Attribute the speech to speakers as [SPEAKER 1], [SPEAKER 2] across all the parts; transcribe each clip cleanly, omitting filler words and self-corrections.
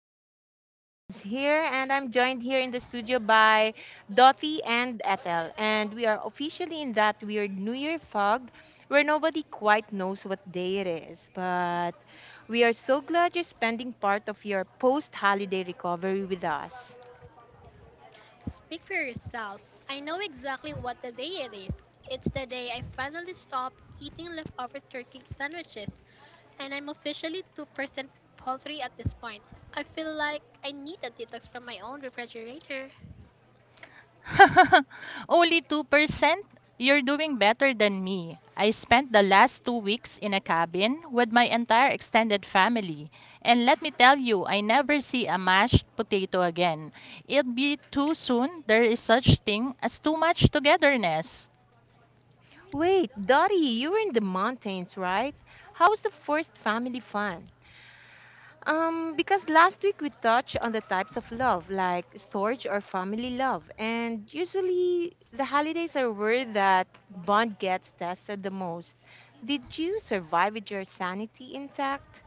[SPEAKER 1] and I'm Nads here, and I'm joined here in the studio by Dottie and Ethel, and we are officially in that weird New Year fog where nobody quite knows what day it is, but we are so glad you're spending part of your post-holiday recovery with us.
[SPEAKER 2] Speak for yourself. I know exactly what the day it is. It's the day I finally stopped eating leftover turkey sandwiches, and I'm officially 2% poultry at this point. I feel like I need a detox from my own refrigerator.
[SPEAKER 3] Only 2%? You're doing better than me. I spent the last 2 weeks in a cabin with my entire extended family. And let me tell you, I never see a mashed potato again. It'd be too soon. There is such thing as too much togetherness.
[SPEAKER 1] Wait, Dottie, you were in the mountains, right? How was the first family fun? Because last week we touched on the types of love, like storage or family love, and usually the holidays are where that bond gets tested the most. Did you survive with your sanity intact?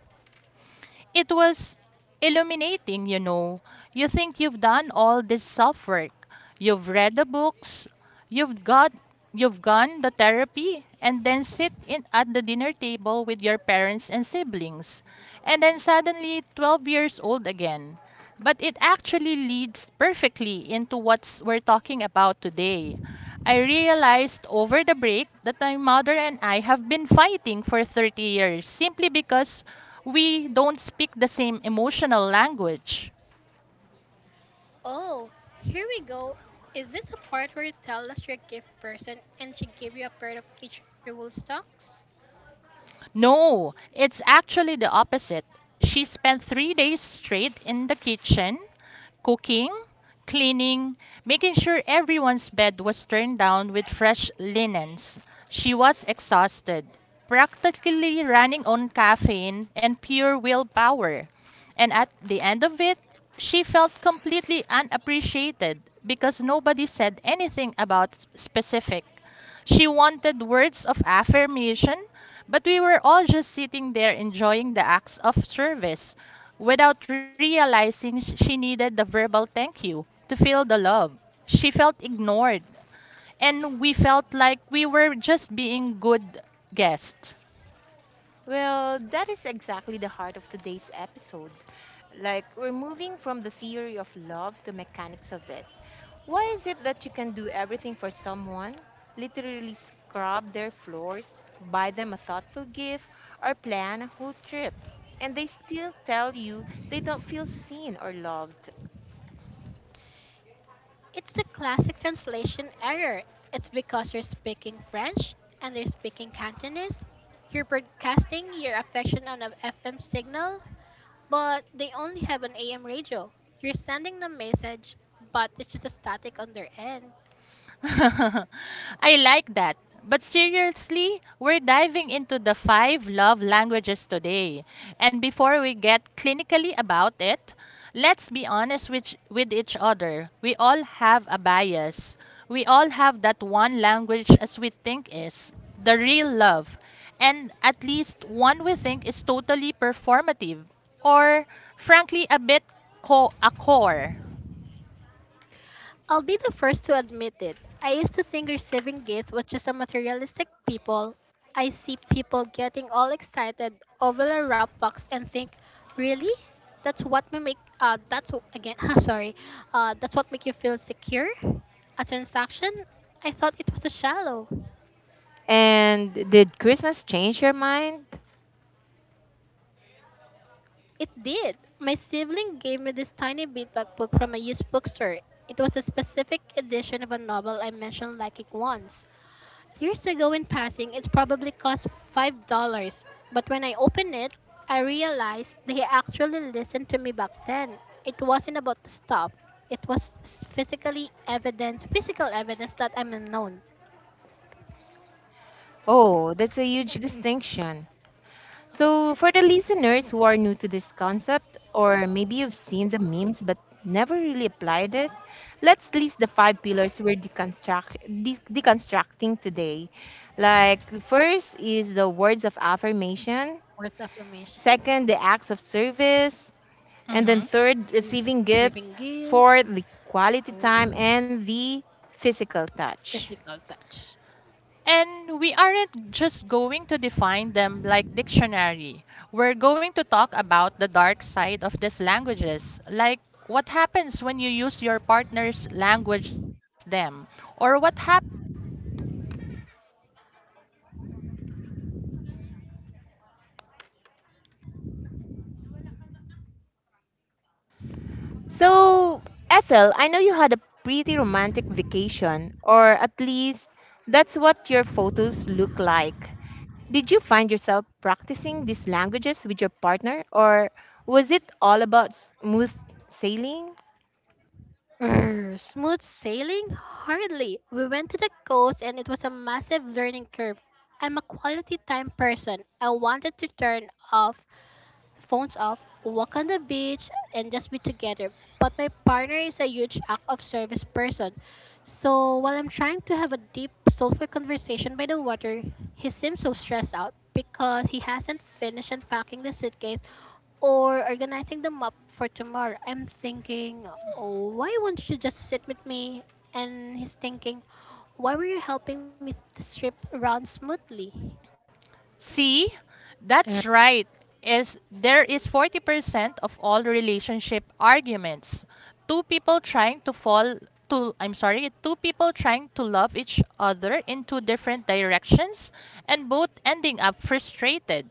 [SPEAKER 3] It was illuminating, you know. You think you've done all this self work. You've read the books, you've got you've gone the therapy, and then sit in at the dinner table with your parents and siblings. And then suddenly 12 years old again. But it actually leads perfectly into what we're talking about today. I realized over the break that my mother and I have been fighting for 30 years simply because we don't speak the same emotional language.
[SPEAKER 2] Oh, here we go. Is this the part where you tell us your gift person and she gave you a pair of each wool socks?
[SPEAKER 3] No, it's actually the opposite. She spent 3 days straight in the kitchen, cooking, cleaning, making sure everyone's bed was turned down with fresh linens. She was exhausted. Practically running on caffeine and pure willpower. And at the end of it, she felt completely unappreciated because nobody said anything about specific. She wanted words of affirmation, but we were all just sitting there enjoying the acts of service without realizing she needed the verbal thank you to feel the love. She felt ignored and we felt like we were just being good guests.
[SPEAKER 1] Well, that is exactly the heart of today's episode. Like, we're moving from the theory of love to mechanics of it. Why is it that you can do everything for someone? Literally scrub their floors, buy them a thoughtful gift, or plan a whole trip. And they still tell you they don't feel seen or loved.
[SPEAKER 2] It's the classic translation error. It's because you're speaking French and they're speaking Cantonese. You're broadcasting your affection on an FM signal, but they only have an AM radio. You're sending the message, but it's just a static on their end.
[SPEAKER 3] I like that. But seriously, we're diving into the five love languages today. And before we get clinically about it, let's be honest with each other. We all have a bias. We all have that one language as we think is the real love. And at least one we think is totally performative or, frankly, a bit a core.
[SPEAKER 2] I'll be the first to admit it. I used to think receiving gifts was just a materialistic people. I see people getting all excited over a wrap box and think, really? That's what may make that's wh- again sorry, that's what make you feel secure? A transaction? I thought it was a shallow.
[SPEAKER 1] And did Christmas change your mind?
[SPEAKER 2] It did. My sibling gave me this tiny beadbag book from a used bookstore. It was a specific edition of a novel I mentioned liking once. Years ago in passing, it probably cost $5. But when I opened it, I realized they actually listened to me back then. It wasn't about the stuff. It was physically evidence, physical evidence that I'm unknown.
[SPEAKER 1] Oh, that's a huge distinction. So, for the listeners who are new to this concept, or maybe you've seen the memes but never really applied it, let's list the five pillars we're deconstructing today. Like, the first is the words of affirmation,
[SPEAKER 2] Words affirmation,
[SPEAKER 1] second, the acts of service, and
[SPEAKER 2] um,
[SPEAKER 1] then
[SPEAKER 3] hmm
[SPEAKER 1] third, receiving gifts,
[SPEAKER 2] receiving gifts,
[SPEAKER 1] fourth, the quality time,
[SPEAKER 2] or
[SPEAKER 1] and the physical touch.
[SPEAKER 2] physical touch.
[SPEAKER 3] And we aren't just going to define them like dictionary. We're going to talk about the dark side of these languages, like what happens when you use your partner's language against them, or what happens when you're bilingual but your partner refuses to learn a second language.
[SPEAKER 1] So, Ethel, I know you had a pretty romantic vacation, or at least that's what your photos look like. Did you find yourself practicing these languages with your partner, or was it all about smooth sailing?
[SPEAKER 2] Smooth sailing? Hardly. We went to the coast and it was a massive learning curve. I'm a quality time person. I wanted to turn off phones off, walk on the beach, and just be together. But my partner is a huge act of service person. So while I'm trying to have a deep, soulful conversation by the water, he seems so stressed out because he hasn't finished unpacking the suitcase or organizing the map for tomorrow. I'm thinking, "Oh, why won't you just sit with me?" And he's thinking, "Why were you helping me this trip around smoothly?"
[SPEAKER 3] See, that's right. Is there is 40% of all relationship arguments. Two people trying to fall to I'm sorry, two people trying to love each other in two different directions and both ending up frustrated.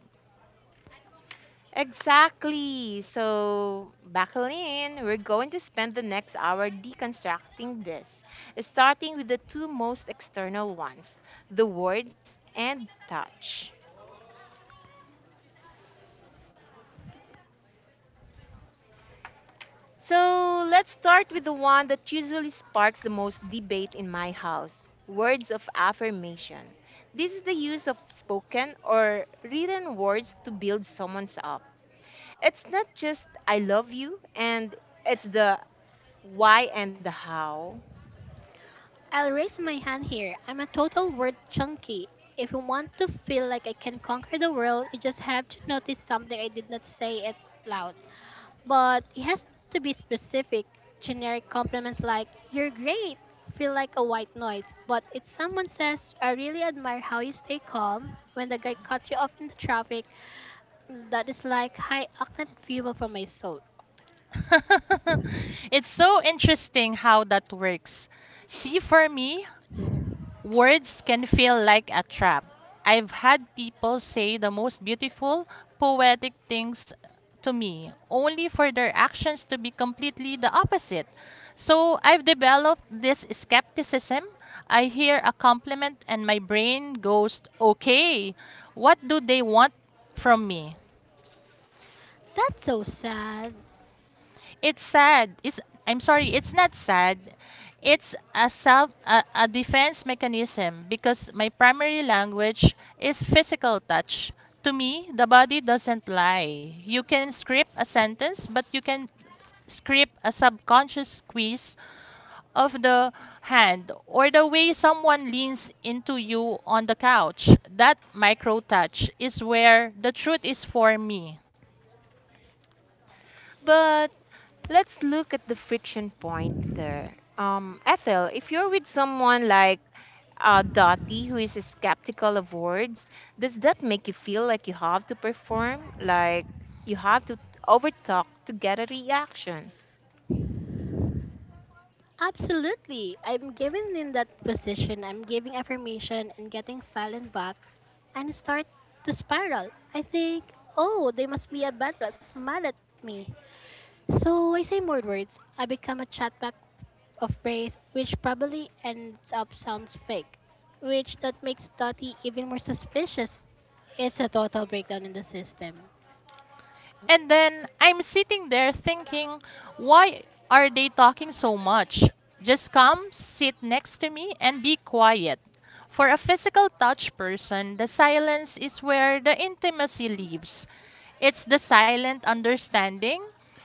[SPEAKER 1] Exactly. So, buckle in. We're going to spend the next hour deconstructing this, starting with the two most external ones, the words and touch. So let's start with the one that usually sparks the most debate in my house, words of affirmation. This is the use of spoken or written words to build someone's up. It's not just I love you, and it's the why and the how,
[SPEAKER 2] I'll raise my hand here. I'm a total word junkie. If you want to feel like I can conquer the world, you just have to notice something I did not say it loud. But it has to be specific. Generic compliments like, "You're great," feel like a white noise. But if someone says, "I really admire how you stay calm when the guy cut you off in the traffic," that is like high octane fuel for my soul.
[SPEAKER 3] It's so interesting how that works. See, for me, w- words can feel like a trap. I've had people say the most beautiful, poetic things to me, only for their actions to be completely the opposite. So I've developed this skepticism. I hear a compliment and my brain goes, okay, what do they want from me?
[SPEAKER 2] That's so sad.
[SPEAKER 3] It's sad. It's I'm sorry. It's not sad. It's a defense mechanism because my primary language is physical touch. To me, the body doesn't lie. You can script a sentence, but you can script a subconscious squeeze of the hand or the way someone leans into you on the couch. That micro touch is where the truth is for me.
[SPEAKER 1] but let's look at the friction point there. Ethel, if you're with someone like Dottie, who is skeptical of words, does that make you feel like you have to perform, like you have to overtalk to get a reaction?
[SPEAKER 2] Absolutely. I'm giving in that position. I'm giving affirmation and getting silent back and start to spiral. I think, oh, they must be a bad at, mad at me. So I say more words. I become a chatback of praise, which probably ends up sounds fake, which that makes Dottie even more suspicious. It's a total breakdown in the system.
[SPEAKER 3] And then I'm sitting there thinking, why are they talking so much? Just come, sit next to me, and be quiet. For a physical touch person, the silence is where the intimacy lives. It's the silent understanding.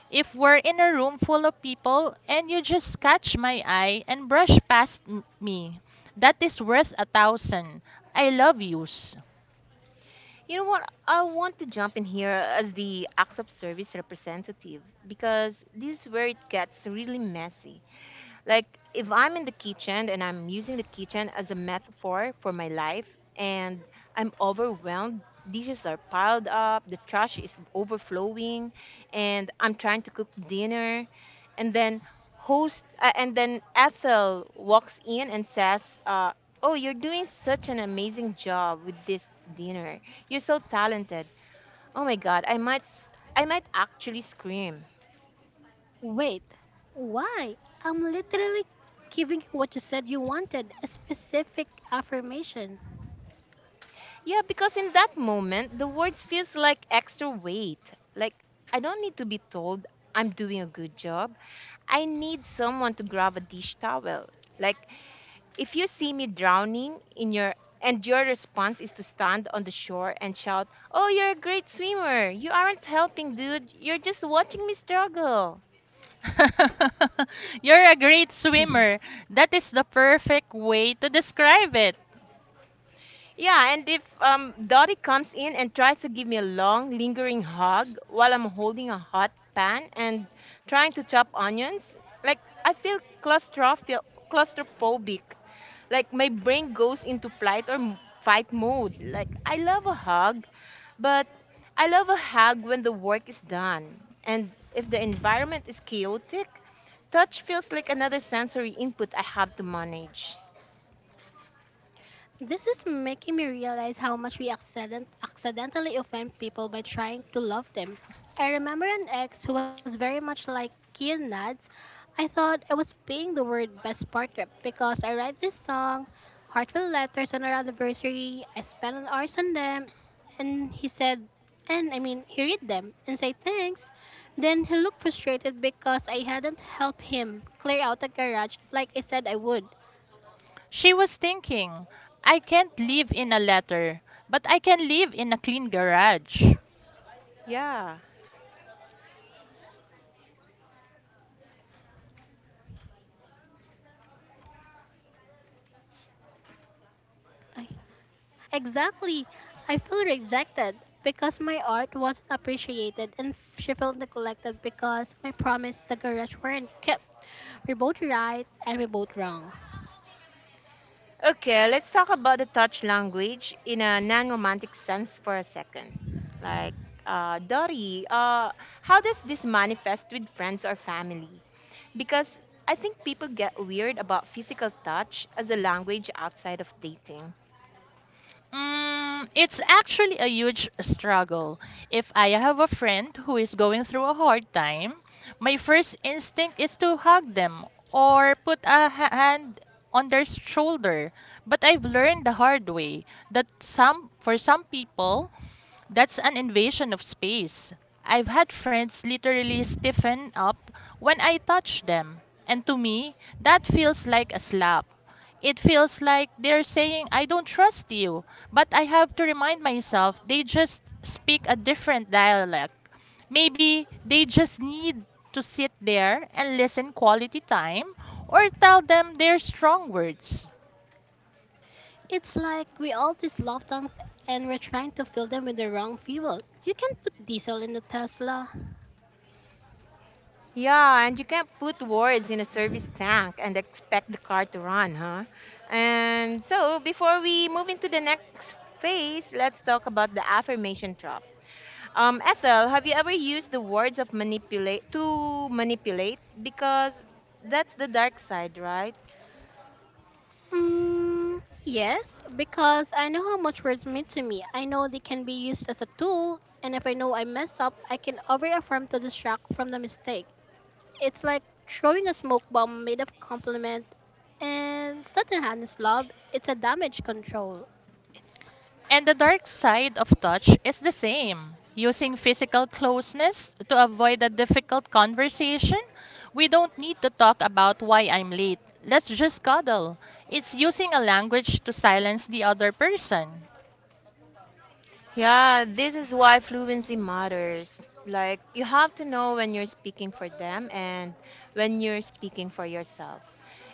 [SPEAKER 3] If we're in a room full of people and you just catch my eye and brush past me, that is worth a thousand. I love yous.
[SPEAKER 1] You know what? I want to jump in here as the acts of service representative, because this is where it gets really messy. Like, if I'm in the kitchen and I'm using the kitchen as a metaphor for my life and I'm overwhelmed, dishes are piled up, the trash is overflowing, and I'm trying to cook dinner and then host, and then Ethel walks in and says, "Oh, you're doing such an amazing job with this dinner. You're so talented. Oh my god, I might actually scream."
[SPEAKER 2] Wait, why? I'm literally giving you what you said you wanted, a specific affirmation.
[SPEAKER 1] Yeah, because in that moment, the words feels like extra weight. Like, I don't need to be told I'm doing a good job. I need someone to grab a dish towel. Like, if you see me drowning in your, and your response is to stand on the shore and shout, "Oh, you're a great swimmer." You aren't helping, dude. You're just watching me struggle.
[SPEAKER 3] You're a great swimmer. That is the perfect way to describe it.
[SPEAKER 1] Yeah, and if Dottie comes in and tries to give me a long, lingering hug while I'm holding a hot pan and trying to chop onions, like, I feel claustrophi- claustrophobic. Like, my brain goes into flight or fight mode. Like, I love a hug, but I love a hug when the work is done. And if the environment is chaotic, touch feels like another sensory input I have to manage.
[SPEAKER 2] This is making me realize how much we accidentally offend people by trying to love them. I remember an ex who was very much like Kian Nads. I thought I was being the word best partner because I write this song, heartfelt letters on our anniversary, I spent an hours on them, and he said, he read them and say thanks. Then he looked frustrated because I hadn't helped him clear out the garage like I said I would.
[SPEAKER 3] She was thinking, I can't live in a letter, but I can live in a clean garage.
[SPEAKER 1] Yeah,
[SPEAKER 2] Exactly. I feel rejected because my art wasn't appreciated and she felt neglected because my promise the garage weren't kept. We're both right and we're both wrong.
[SPEAKER 1] okay, let's talk about the touch language in a non-romantic sense for a second. Like, Dori, how does this manifest with friends or family? Because I think people get weird about physical touch as a language outside of dating.
[SPEAKER 3] It's actually a huge struggle. If I have a friend who is going through a hard time, my first instinct is to hug them or put a hand on their shoulder. But I've learned the hard way that some for some people that's an invasion of space. I've had friends literally stiffen up when I touch them. And to me, that feels like a slap. It feels like they're saying, I don't trust you. But I have to remind myself they just speak a different dialect. Maybe they just need to sit there and listen quality time or tell them their strong words.
[SPEAKER 2] It's like we all these love tanks and we're trying to fill them with the wrong fuel. You can not put diesel in the Tesla.
[SPEAKER 1] Yeah, and you can't put words in a service tank and expect the car to run, huh? And so, before we move into the next phase, let's talk about the affirmation trap. Ethel, have you ever used the words of manipulate to manipulate? Because that's the dark side, right?
[SPEAKER 2] Mm, yes, because I know how much words mean to me. I know they can be used as a tool, and if I know I messed up, I can over affirm to distract from the mistake. It's like throwing a smoke bomb made of compliment. And it's not enhanced love, it's a damage control. It's not.
[SPEAKER 3] And the dark side of touch is the same using physical closeness to avoid a difficult conversation. We don't need to talk about why I'm late. Let's just cuddle. It's using a language to silence the other person.
[SPEAKER 1] Yeah, this is why fluency matters. Like, you have to know when you're speaking for them and when you're speaking for yourself.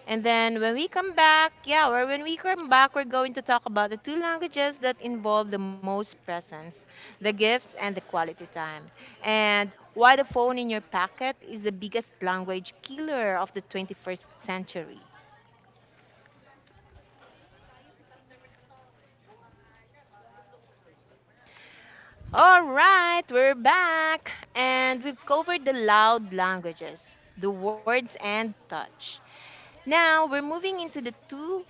[SPEAKER 1] And then when we come back, we're going to talk about the two languages that involve the most presence, the gifts and the quality time. And why the phone in your pocket is the biggest language killer of the 21st century. All right, we're back, and we've covered the loud languages, the words and touch. Now we're moving into the two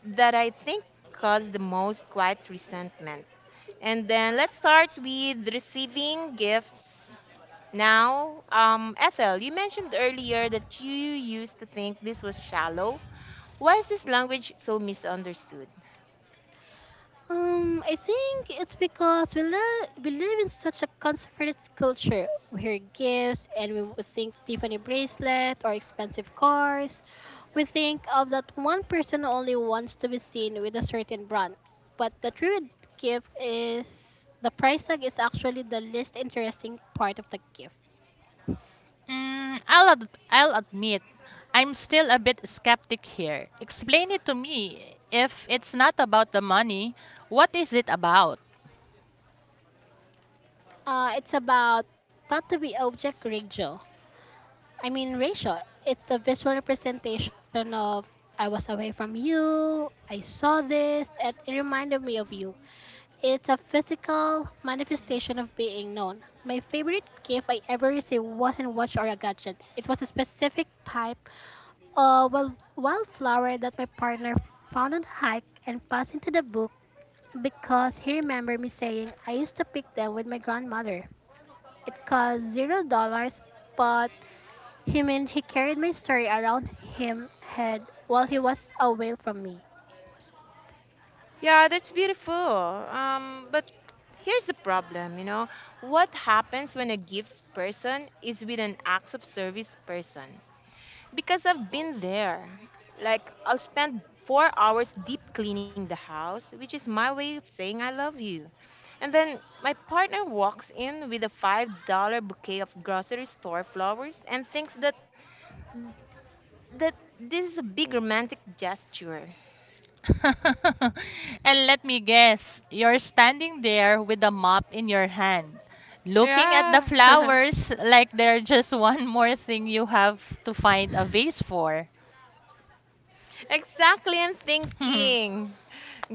[SPEAKER 1] that I think cause the most quiet resentment. And then let's start with receiving gifts. Now, Ethel, you mentioned earlier that you used to think this was shallow. Why is this language so misunderstood?
[SPEAKER 2] I think it's because we live in such a consecrated culture. We hear gifts and we would think Tiffany bracelet or expensive cars. We think of that one person who only wants to be seen with a certain brand. But the true gift is the price tag is actually the least interesting part of the gift.
[SPEAKER 3] I'll admit, I'm still a bit skeptic here. Explain it to me. If it's not about the money, what is it about?
[SPEAKER 2] It's about thought to be object ratio. I mean ratio. It's the visual representation of "I was away from you, I saw this, and it reminded me of you." It's a physical manifestation of being known. My favorite gift I ever received wasn't a watch or a gadget. It was a specific type of wildflower that my partner found on a hike and passed into the book because he remembered me saying I used to pick them with my grandmother. It cost $0, but he meant he carried my story around him head while he was away from me.
[SPEAKER 1] Yeah, that's beautiful. But here's the problem. What happens when a gifts person is with an acts of service person? Because I've been there. Like, I'll spend 4 hours deep cleaning the house, which is my way of saying I love you. And then my partner walks in with a $5 bouquet of grocery store flowers and thinks that this is a big romantic gesture.
[SPEAKER 3] And let me guess, you're standing there with a mop in your hand, looking at the
[SPEAKER 1] Yeah,
[SPEAKER 3] flowers like they're just one more thing you have to find a vase for.
[SPEAKER 1] exactly. I'm thinking,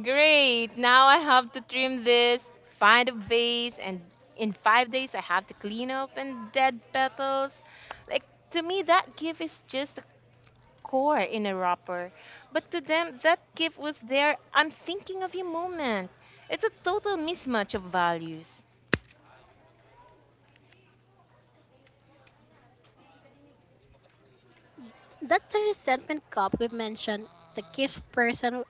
[SPEAKER 1] great. Now I have to trim this, find a vase, and in 5 days I have to clean up and dead petals. Like, to me, that gift is just a core in a wrapper. But to them, that gift was their I'm thinking of you moment. It's a total mismatch of values.
[SPEAKER 2] That's the resentment cup we mentioned. The gift person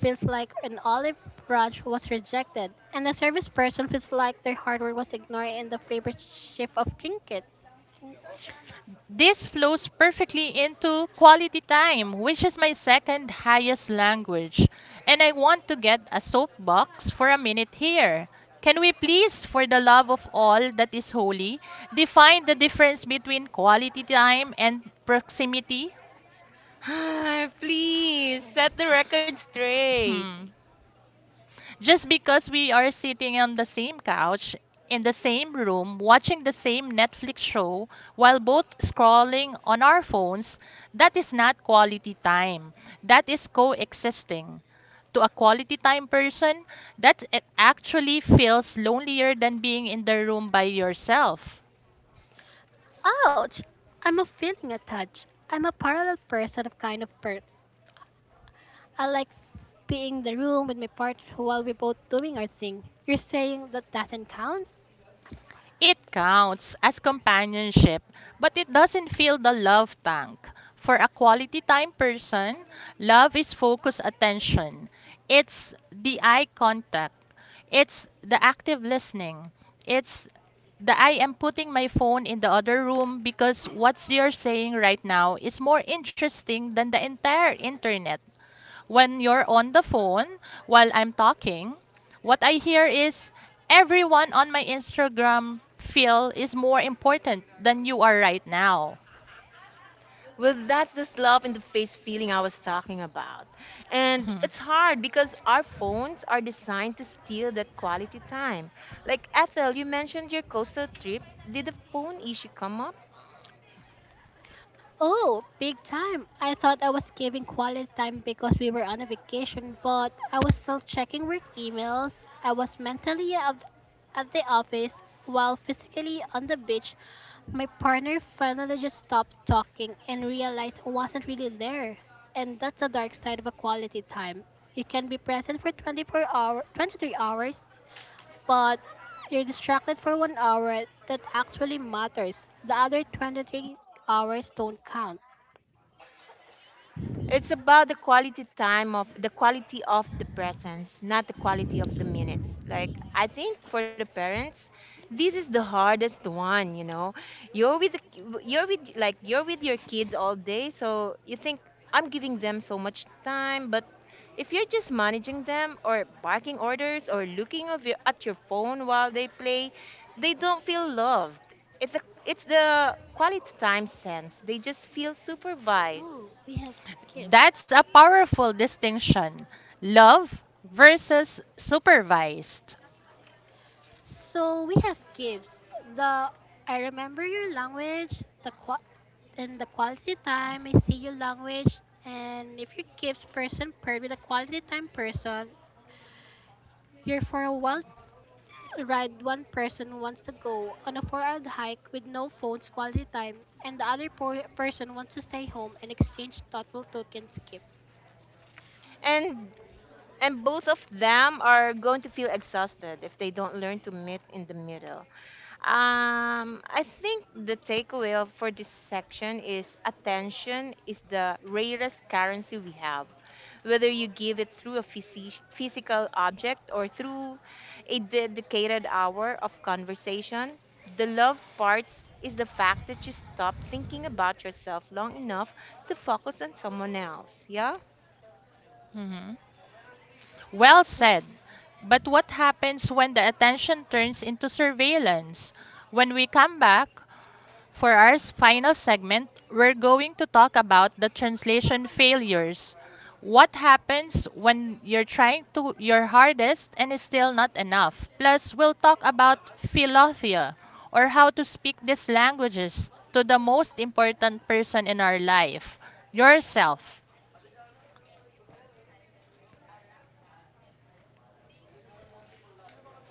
[SPEAKER 2] feels like an olive branch was rejected, and the service person feels like their hardware was ignored in the favorite shift of trinket.
[SPEAKER 3] This flows perfectly into quality time, which is my second highest language. And I want to get a soapbox for a minute here. Can we please, for the love of all that is holy, define the difference between quality time and proximity?
[SPEAKER 1] Please set the record straight.
[SPEAKER 3] Hmm. Just because we are sitting on the same couch, in the same room, watching the same Netflix show, while both scrolling on our phones, that is not quality time. That is coexisting. To a quality time person, that actually feels lonelier than being in the room by yourself.
[SPEAKER 2] Ouch! I'm a feeling attached. I'm a parallel person of kind of birth. I like being in the room with my partner while we're both doing our thing. You're saying that doesn't count? I'm a parallel
[SPEAKER 3] It counts as
[SPEAKER 2] person.
[SPEAKER 3] companionship, but it doesn't fill the love tank. For a quality time person, love is focused attention. It's the eye contact. It's the active listening. It's the I am putting my phone in the other room because what you're saying right now is more interesting than the entire internet when you're on the phone while I'm talking, what I hear is everyone on my Instagram feel is more important than you are right now.
[SPEAKER 1] Well, that's the slap in the face feeling I was talking about. And
[SPEAKER 3] Mhm.
[SPEAKER 1] it's hard because our phones are designed to steal that quality time. Like, Ethel, you mentioned your coastal trip. Did the phone issue come up?
[SPEAKER 2] Oh, big time. I thought I was giving quality time because we were on a vacation, but I was still checking work emails. I was mentally out at the office while physically on the beach. My partner finally just stopped talking and realized I wasn't really there. And that's the dark side of a quality time. You can be present for 24 hour, 23 hours, but you're distracted for one hour that actually matters. The other 23 hours don't count.
[SPEAKER 1] It's about the quality time of the quality of the presence, not the quality of the minutes. Like, I think for the parents, this is the hardest one, you know. You're with the, ki- you're with like you're with your kids all day, so you think I'm giving them so much time, but if you're just managing them or barking orders or looking at your phone while they play, they don't feel loved. It's the quality time sense. They just feel supervised.
[SPEAKER 2] So we have gifts.
[SPEAKER 3] That's a powerful distinction. Love versus supervised.
[SPEAKER 2] So we have gifts. The I remember your language, and the quality time. I see your language, and if you're gifts person paired with a quality time person, you're for a while ride one person wants to go on a four-hour hike with no phones quality time and the other person wants to stay home and exchange thoughtful tokens
[SPEAKER 1] And And both of them are going to feel exhausted if they don't learn to meet in the middle. I think the takeaway for this section is attention is the rarest currency we have. Whether you give it through a physical object or through a dedicated hour of conversation, the love parts is the fact that you stop thinking about yourself long enough to focus on someone else. Yeah?
[SPEAKER 3] Mhm. Well
[SPEAKER 2] gifts.
[SPEAKER 3] said. But what happens when the attention turns into surveillance? When we come back, for our final segment, we're going to talk about the translation failures. What happens when you're trying to your hardest and is still not enough? Plus, we'll talk about philothea or how to speak these languages to the most important person in our life, yourself.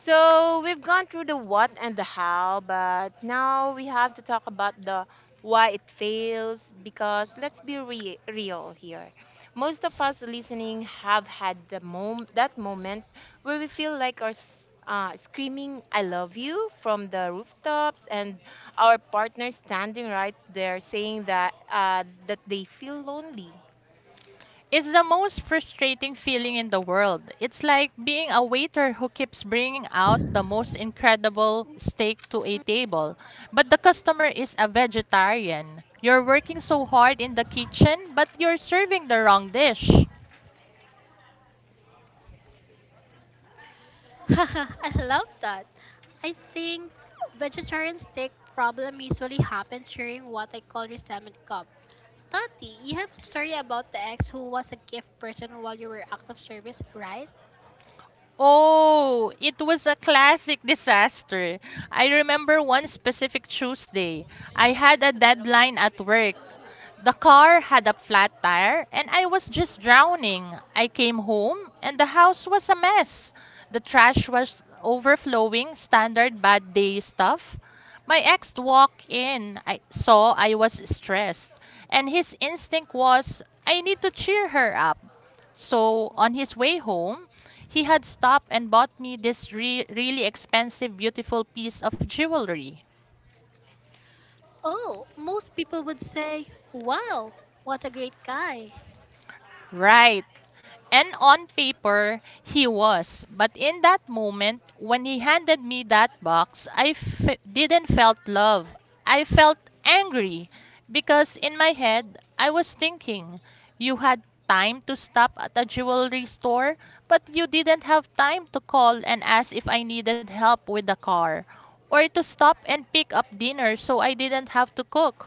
[SPEAKER 1] So we've gone through the what and the how, but now we have to talk about the why it fails, because let's be real here. Most of us listening have had that moment where we feel like screaming "I love you" from the rooftops, and our partner standing right there saying that they feel lonely.
[SPEAKER 3] It's the most frustrating feeling in the world. It's like being a waiter who keeps bringing out the most incredible steak to a table, but the customer is a vegetarian. You're working so hard in the kitchen, but you're serving the wrong dish.
[SPEAKER 2] I love that. I think vegetarian steak problem usually happens during what I call resentment cup. Tati, you have a story about the ex who was a gift person while you were acts of service, right?
[SPEAKER 3] Oh, it was a classic disaster. I remember one specific Tuesday. I had a deadline at work. The car had a flat tire and I was just drowning. I came home and the house was a mess. The trash was overflowing, standard bad day stuff. My ex walked in, I saw I was stressed, and his instinct was I need to cheer her up. So on his way home, he had stopped and bought me this really expensive, beautiful piece of jewelry.
[SPEAKER 2] Oh, most people would say, "Wow, what a great guy."
[SPEAKER 3] Right. And on paper, he was. But in that moment, when he handed me that box, I didn't felt love. I felt angry because in my head, I was thinking, you had time to stop at a jewelry store, but you didn't have time to call and ask if I needed help with the car or to stop and pick up dinner so I didn't have to cook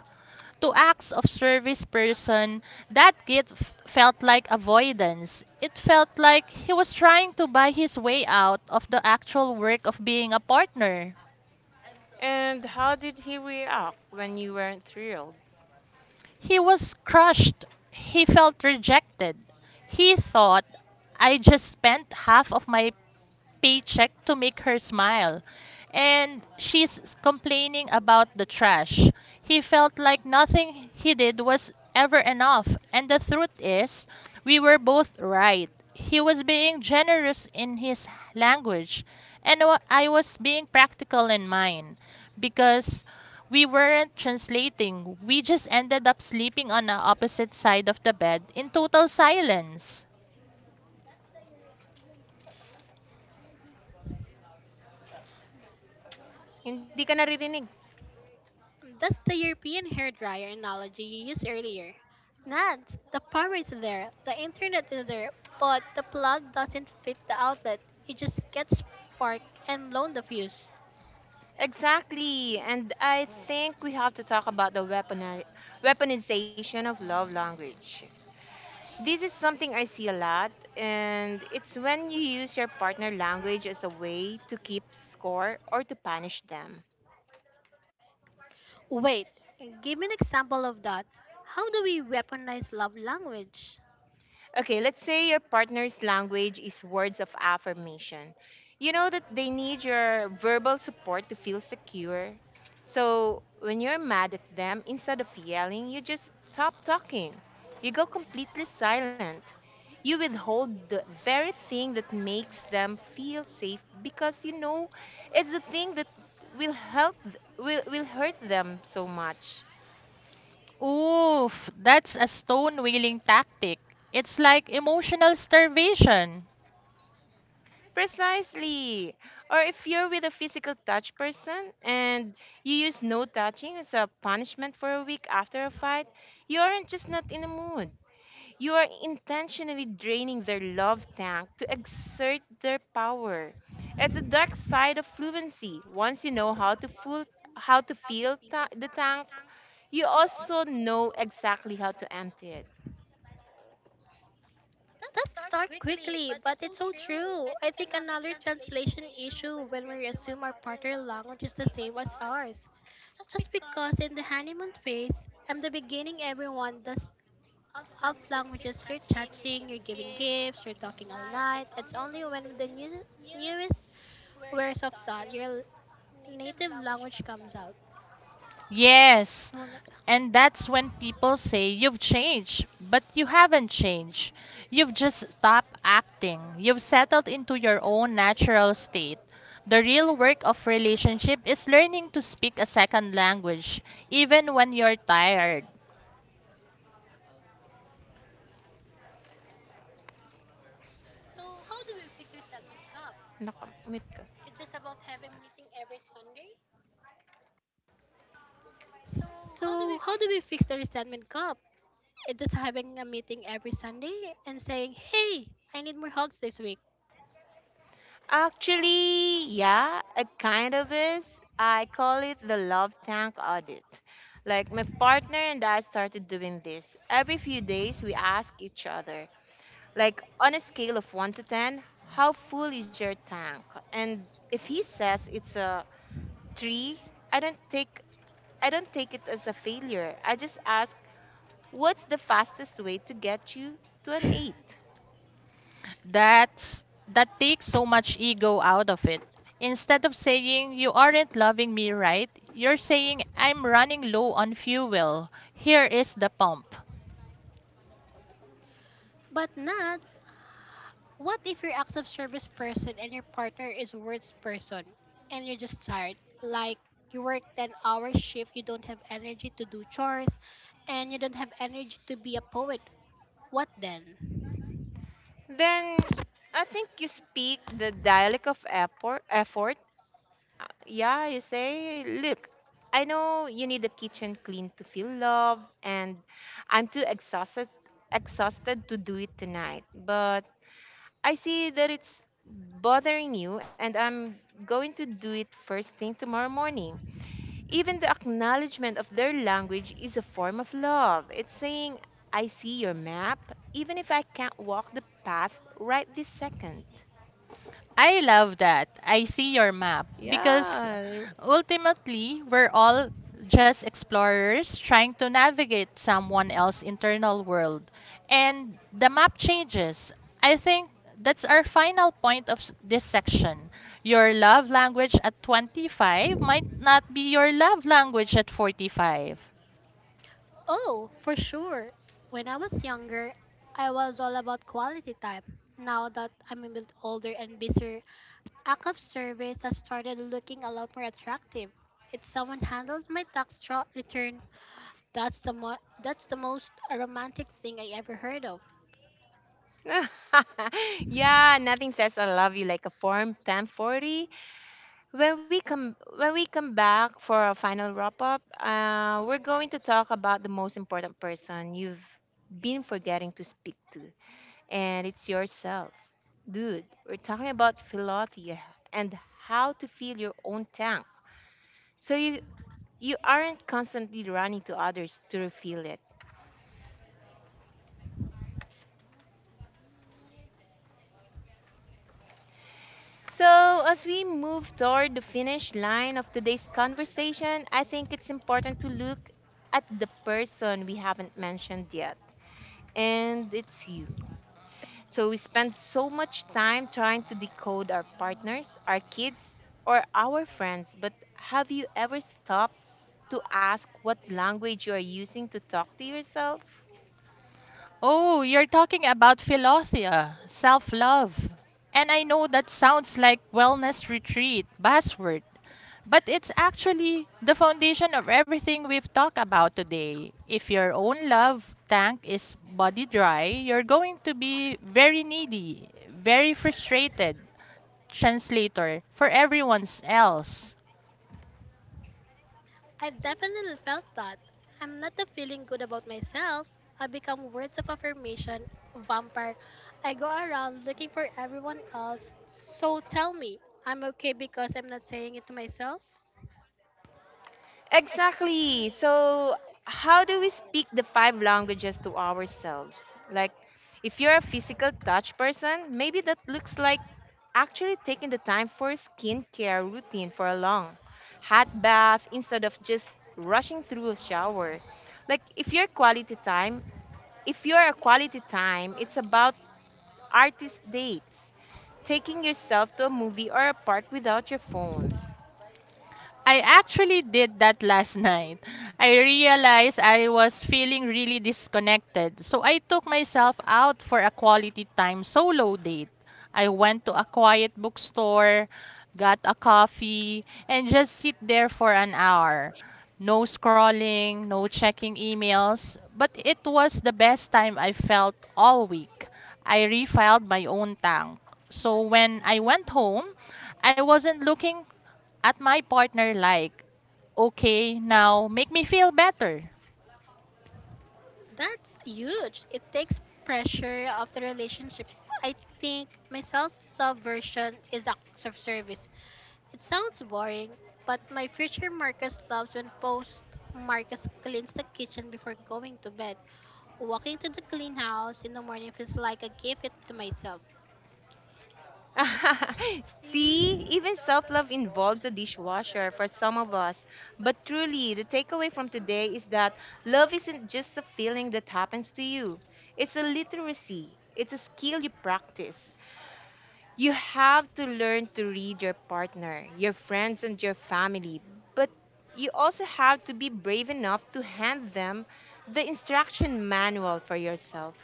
[SPEAKER 3] to acts of service person, that gift felt like avoidance. It felt like he was trying to buy his way out of the actual work of being a partner.
[SPEAKER 1] And how did he react when you weren't thrilled?
[SPEAKER 3] He was crushed. He felt rejected. He thought, I just spent half of my paycheck to make her smile. And she's complaining about the trash. He felt like nothing he did was ever enough. And the truth is, we were both right. He was being generous in his language, and I was being practical in mine because we weren't translating. We just ended up sleeping on the opposite side of the bed in total silence.
[SPEAKER 1] Hindi ka naririnig.
[SPEAKER 2] Hmm, that's the European hairdryer analogy you used earlier. Nat, the power is there, the internet is there, but the plug doesn't fit the outlet. It just gets sparked and blown the fuse.
[SPEAKER 1] Exactly. And I think we have to talk about the weaponization of love language. This is something I see a lot, and it's when you use your partner language as a way to keep score or to punish them.
[SPEAKER 2] Wait, give me an example of that. How do we weaponize love language?
[SPEAKER 1] Okay, let's say your partner's language is words of affirmation. You know that they need your verbal support to feel secure. So when you're mad at them, instead of yelling, you just stop talking. You go completely silent. You withhold the very thing that makes them feel safe because you know it's the thing that will will hurt them so much.
[SPEAKER 3] Oof, that's a stone wheeling tactic. It's like emotional starvation.
[SPEAKER 1] Precisely. Or if you're with a physical touch person and you use no touching as a punishment for a week after a fight, you aren't just not in the mood. You are intentionally draining their love tank to exert their power. It's a dark side of fluency. Once you know how to full, how to fill the tank, you also know exactly how to empty it.
[SPEAKER 2] That's dark quickly, but it's so true. I think another translation issue when we assume our partner language is the same as ours. Just because in the honeymoon phase, I'm the beginning everyone does of languages you're touching, you're giving gifts, you're talking all night. It's only when the newest words of thought, your native language comes out.
[SPEAKER 3] Yes,
[SPEAKER 2] Nawala sa-
[SPEAKER 3] and that's when people say you've changed, but you haven't changed. You've just stopped acting. You've settled into your own natural state. The real work of relationship is learning to speak a second language, even when you're tired.
[SPEAKER 1] Naka, mute ka.
[SPEAKER 2] So, how do we fix the resentment cup? It is just having a meeting every Sunday and saying, "Hey, I need more hugs this week."
[SPEAKER 1] Actually, yeah, it kind of is. I call it the love tank audit. Like, my partner and I started doing this. Every few days we ask each other, like, on a scale of 1 to 10, how full is your tank? And if he says it's a 3, I don't take I don't take it as a failure. I just ask, what's the fastest way to get you to an 8?
[SPEAKER 3] That's that takes so much ego out of it. Instead of saying you aren't loving me right, you're saying I'm running low on fuel. Here is the pump.
[SPEAKER 2] But not what if you're acts of service person and your partner is words person and you're just tired? Like you work 10-hour shift, you don't have energy to do chores and you don't have energy to be a poet. What then?
[SPEAKER 1] Then I think you speak the dialect of effort. Yeah, you say, look, I know you need the kitchen clean to feel love, and I'm too exhausted to do it tonight. But I see that it's bothering you, and I'm going to do it first thing tomorrow morning. Even the acknowledgement of their language is a form of love. It's saying, I see your map, even if I can't walk the path right this second.
[SPEAKER 3] I love that. I see your map
[SPEAKER 1] Yeah,
[SPEAKER 3] because ultimately we're all just explorers trying to navigate someone else's internal world and the map changes. I think that's our final point of this section. Your love language at 25 might not be your love language at 45.
[SPEAKER 2] Oh, for sure. When I was younger, I was all about quality time. Now that I'm a bit older and busier, act of service has started looking a lot more attractive. If someone handles my return, That's the mo- that's the most romantic thing I ever heard of.
[SPEAKER 1] yeah, nothing says I love you like a form 1040. When we come back for a final wrap up, we're going to talk about the most important person you've been forgetting to speak to, and it's yourself. Dude, we're talking about philotia and how to fill your own tank. So you aren't constantly running to others to refill it. So, as we move toward the finish line of today's conversation, I think it's important to look at the person we haven't mentioned yet. And it's you. So, we spend so much time trying to decode our partners, our kids, or our friends, but have you ever stopped to ask what language you are using to talk to yourself?
[SPEAKER 3] Oh, you're talking about philothea, self love. And I know that sounds like wellness retreat buzzword, but it's actually the foundation of everything we've talked about today. If your own love tank is body dry, you're going to be very needy, very frustrated translator for everyone else.
[SPEAKER 2] I've definitely felt that. I'm not the feeling good about myself. I become words of affirmation vampire. I go around looking for everyone else. So tell me, I'm okay because I'm not saying it to myself.
[SPEAKER 1] Exactly. So, how do we speak the five languages to ourselves? Like, if you're a physical touch person, maybe that looks like actually taking the time for a skincare routine for a long hot bath instead of just rushing through a shower. Like, if you're a quality time, it's about artist dates, taking yourself to a movie or a park without your phone.
[SPEAKER 3] I actually did that last night. I realized I was feeling really disconnected, so I took myself out for a quality time solo date. I went to a quiet bookstore, got a coffee, and just sit there for an hour. No scrolling, no checking emails, but it was the best time I felt all week. I refilled my own tank. So when I went home, I wasn't looking at my partner like, okay, now make me feel better.
[SPEAKER 2] That's huge. It takes pressure off the relationship. I think my self-love version is acts of service. It sounds boring, but my future Marcus loves when post Marcus cleans the kitchen before going to bed. Walking to the clean house in the morning feels like a gift to myself.
[SPEAKER 1] See, even self love involves a dishwasher for some of us. But truly, the takeaway from today is that love isn't just a feeling that happens to you, it's a literacy, it's a skill you practice. You have to learn to read your partner, your friends, and your family, but you also have to be brave enough to hand them the instruction manual for yourself.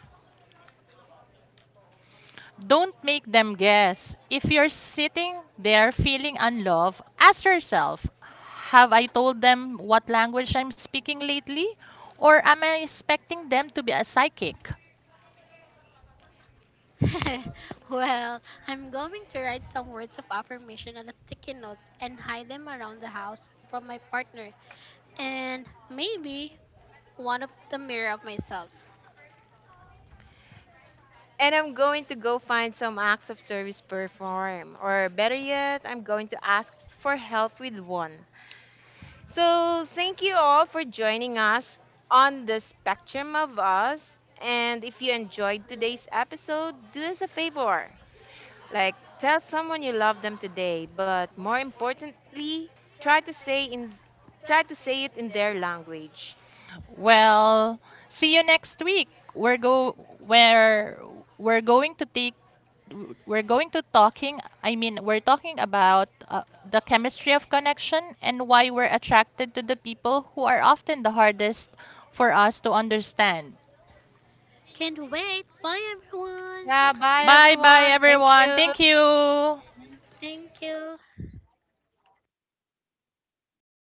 [SPEAKER 3] Don't make them guess. If you're sitting there feeling unloved, ask yourself, have I told them what language I'm speaking lately? Or am I expecting them to be a psychic?
[SPEAKER 2] Well, I'm going to write some words of affirmation on a sticky notes and hide them around the house from my partner and maybe one of the mirror of myself.
[SPEAKER 1] And I'm going to go find some acts of service perform, or better yet, I'm going to ask for help with one. So, thank you all for joining us on the spectrum of us. And if you enjoyed today's episode, do us a favor. Like, tell someone you love them today, but more importantly, try to say in try to say it in their language.
[SPEAKER 3] Well, see you next week. We're go where we're going to take w- we're going to talking I mean we're talking about the chemistry of connection and why we're attracted to the people who are often the hardest for us to understand.
[SPEAKER 2] Can't wait. Bye everyone.
[SPEAKER 1] Yeah, bye
[SPEAKER 3] Bye bye
[SPEAKER 1] everyone. Thank
[SPEAKER 3] everyone,
[SPEAKER 1] you.
[SPEAKER 3] thank you.
[SPEAKER 2] Thank you.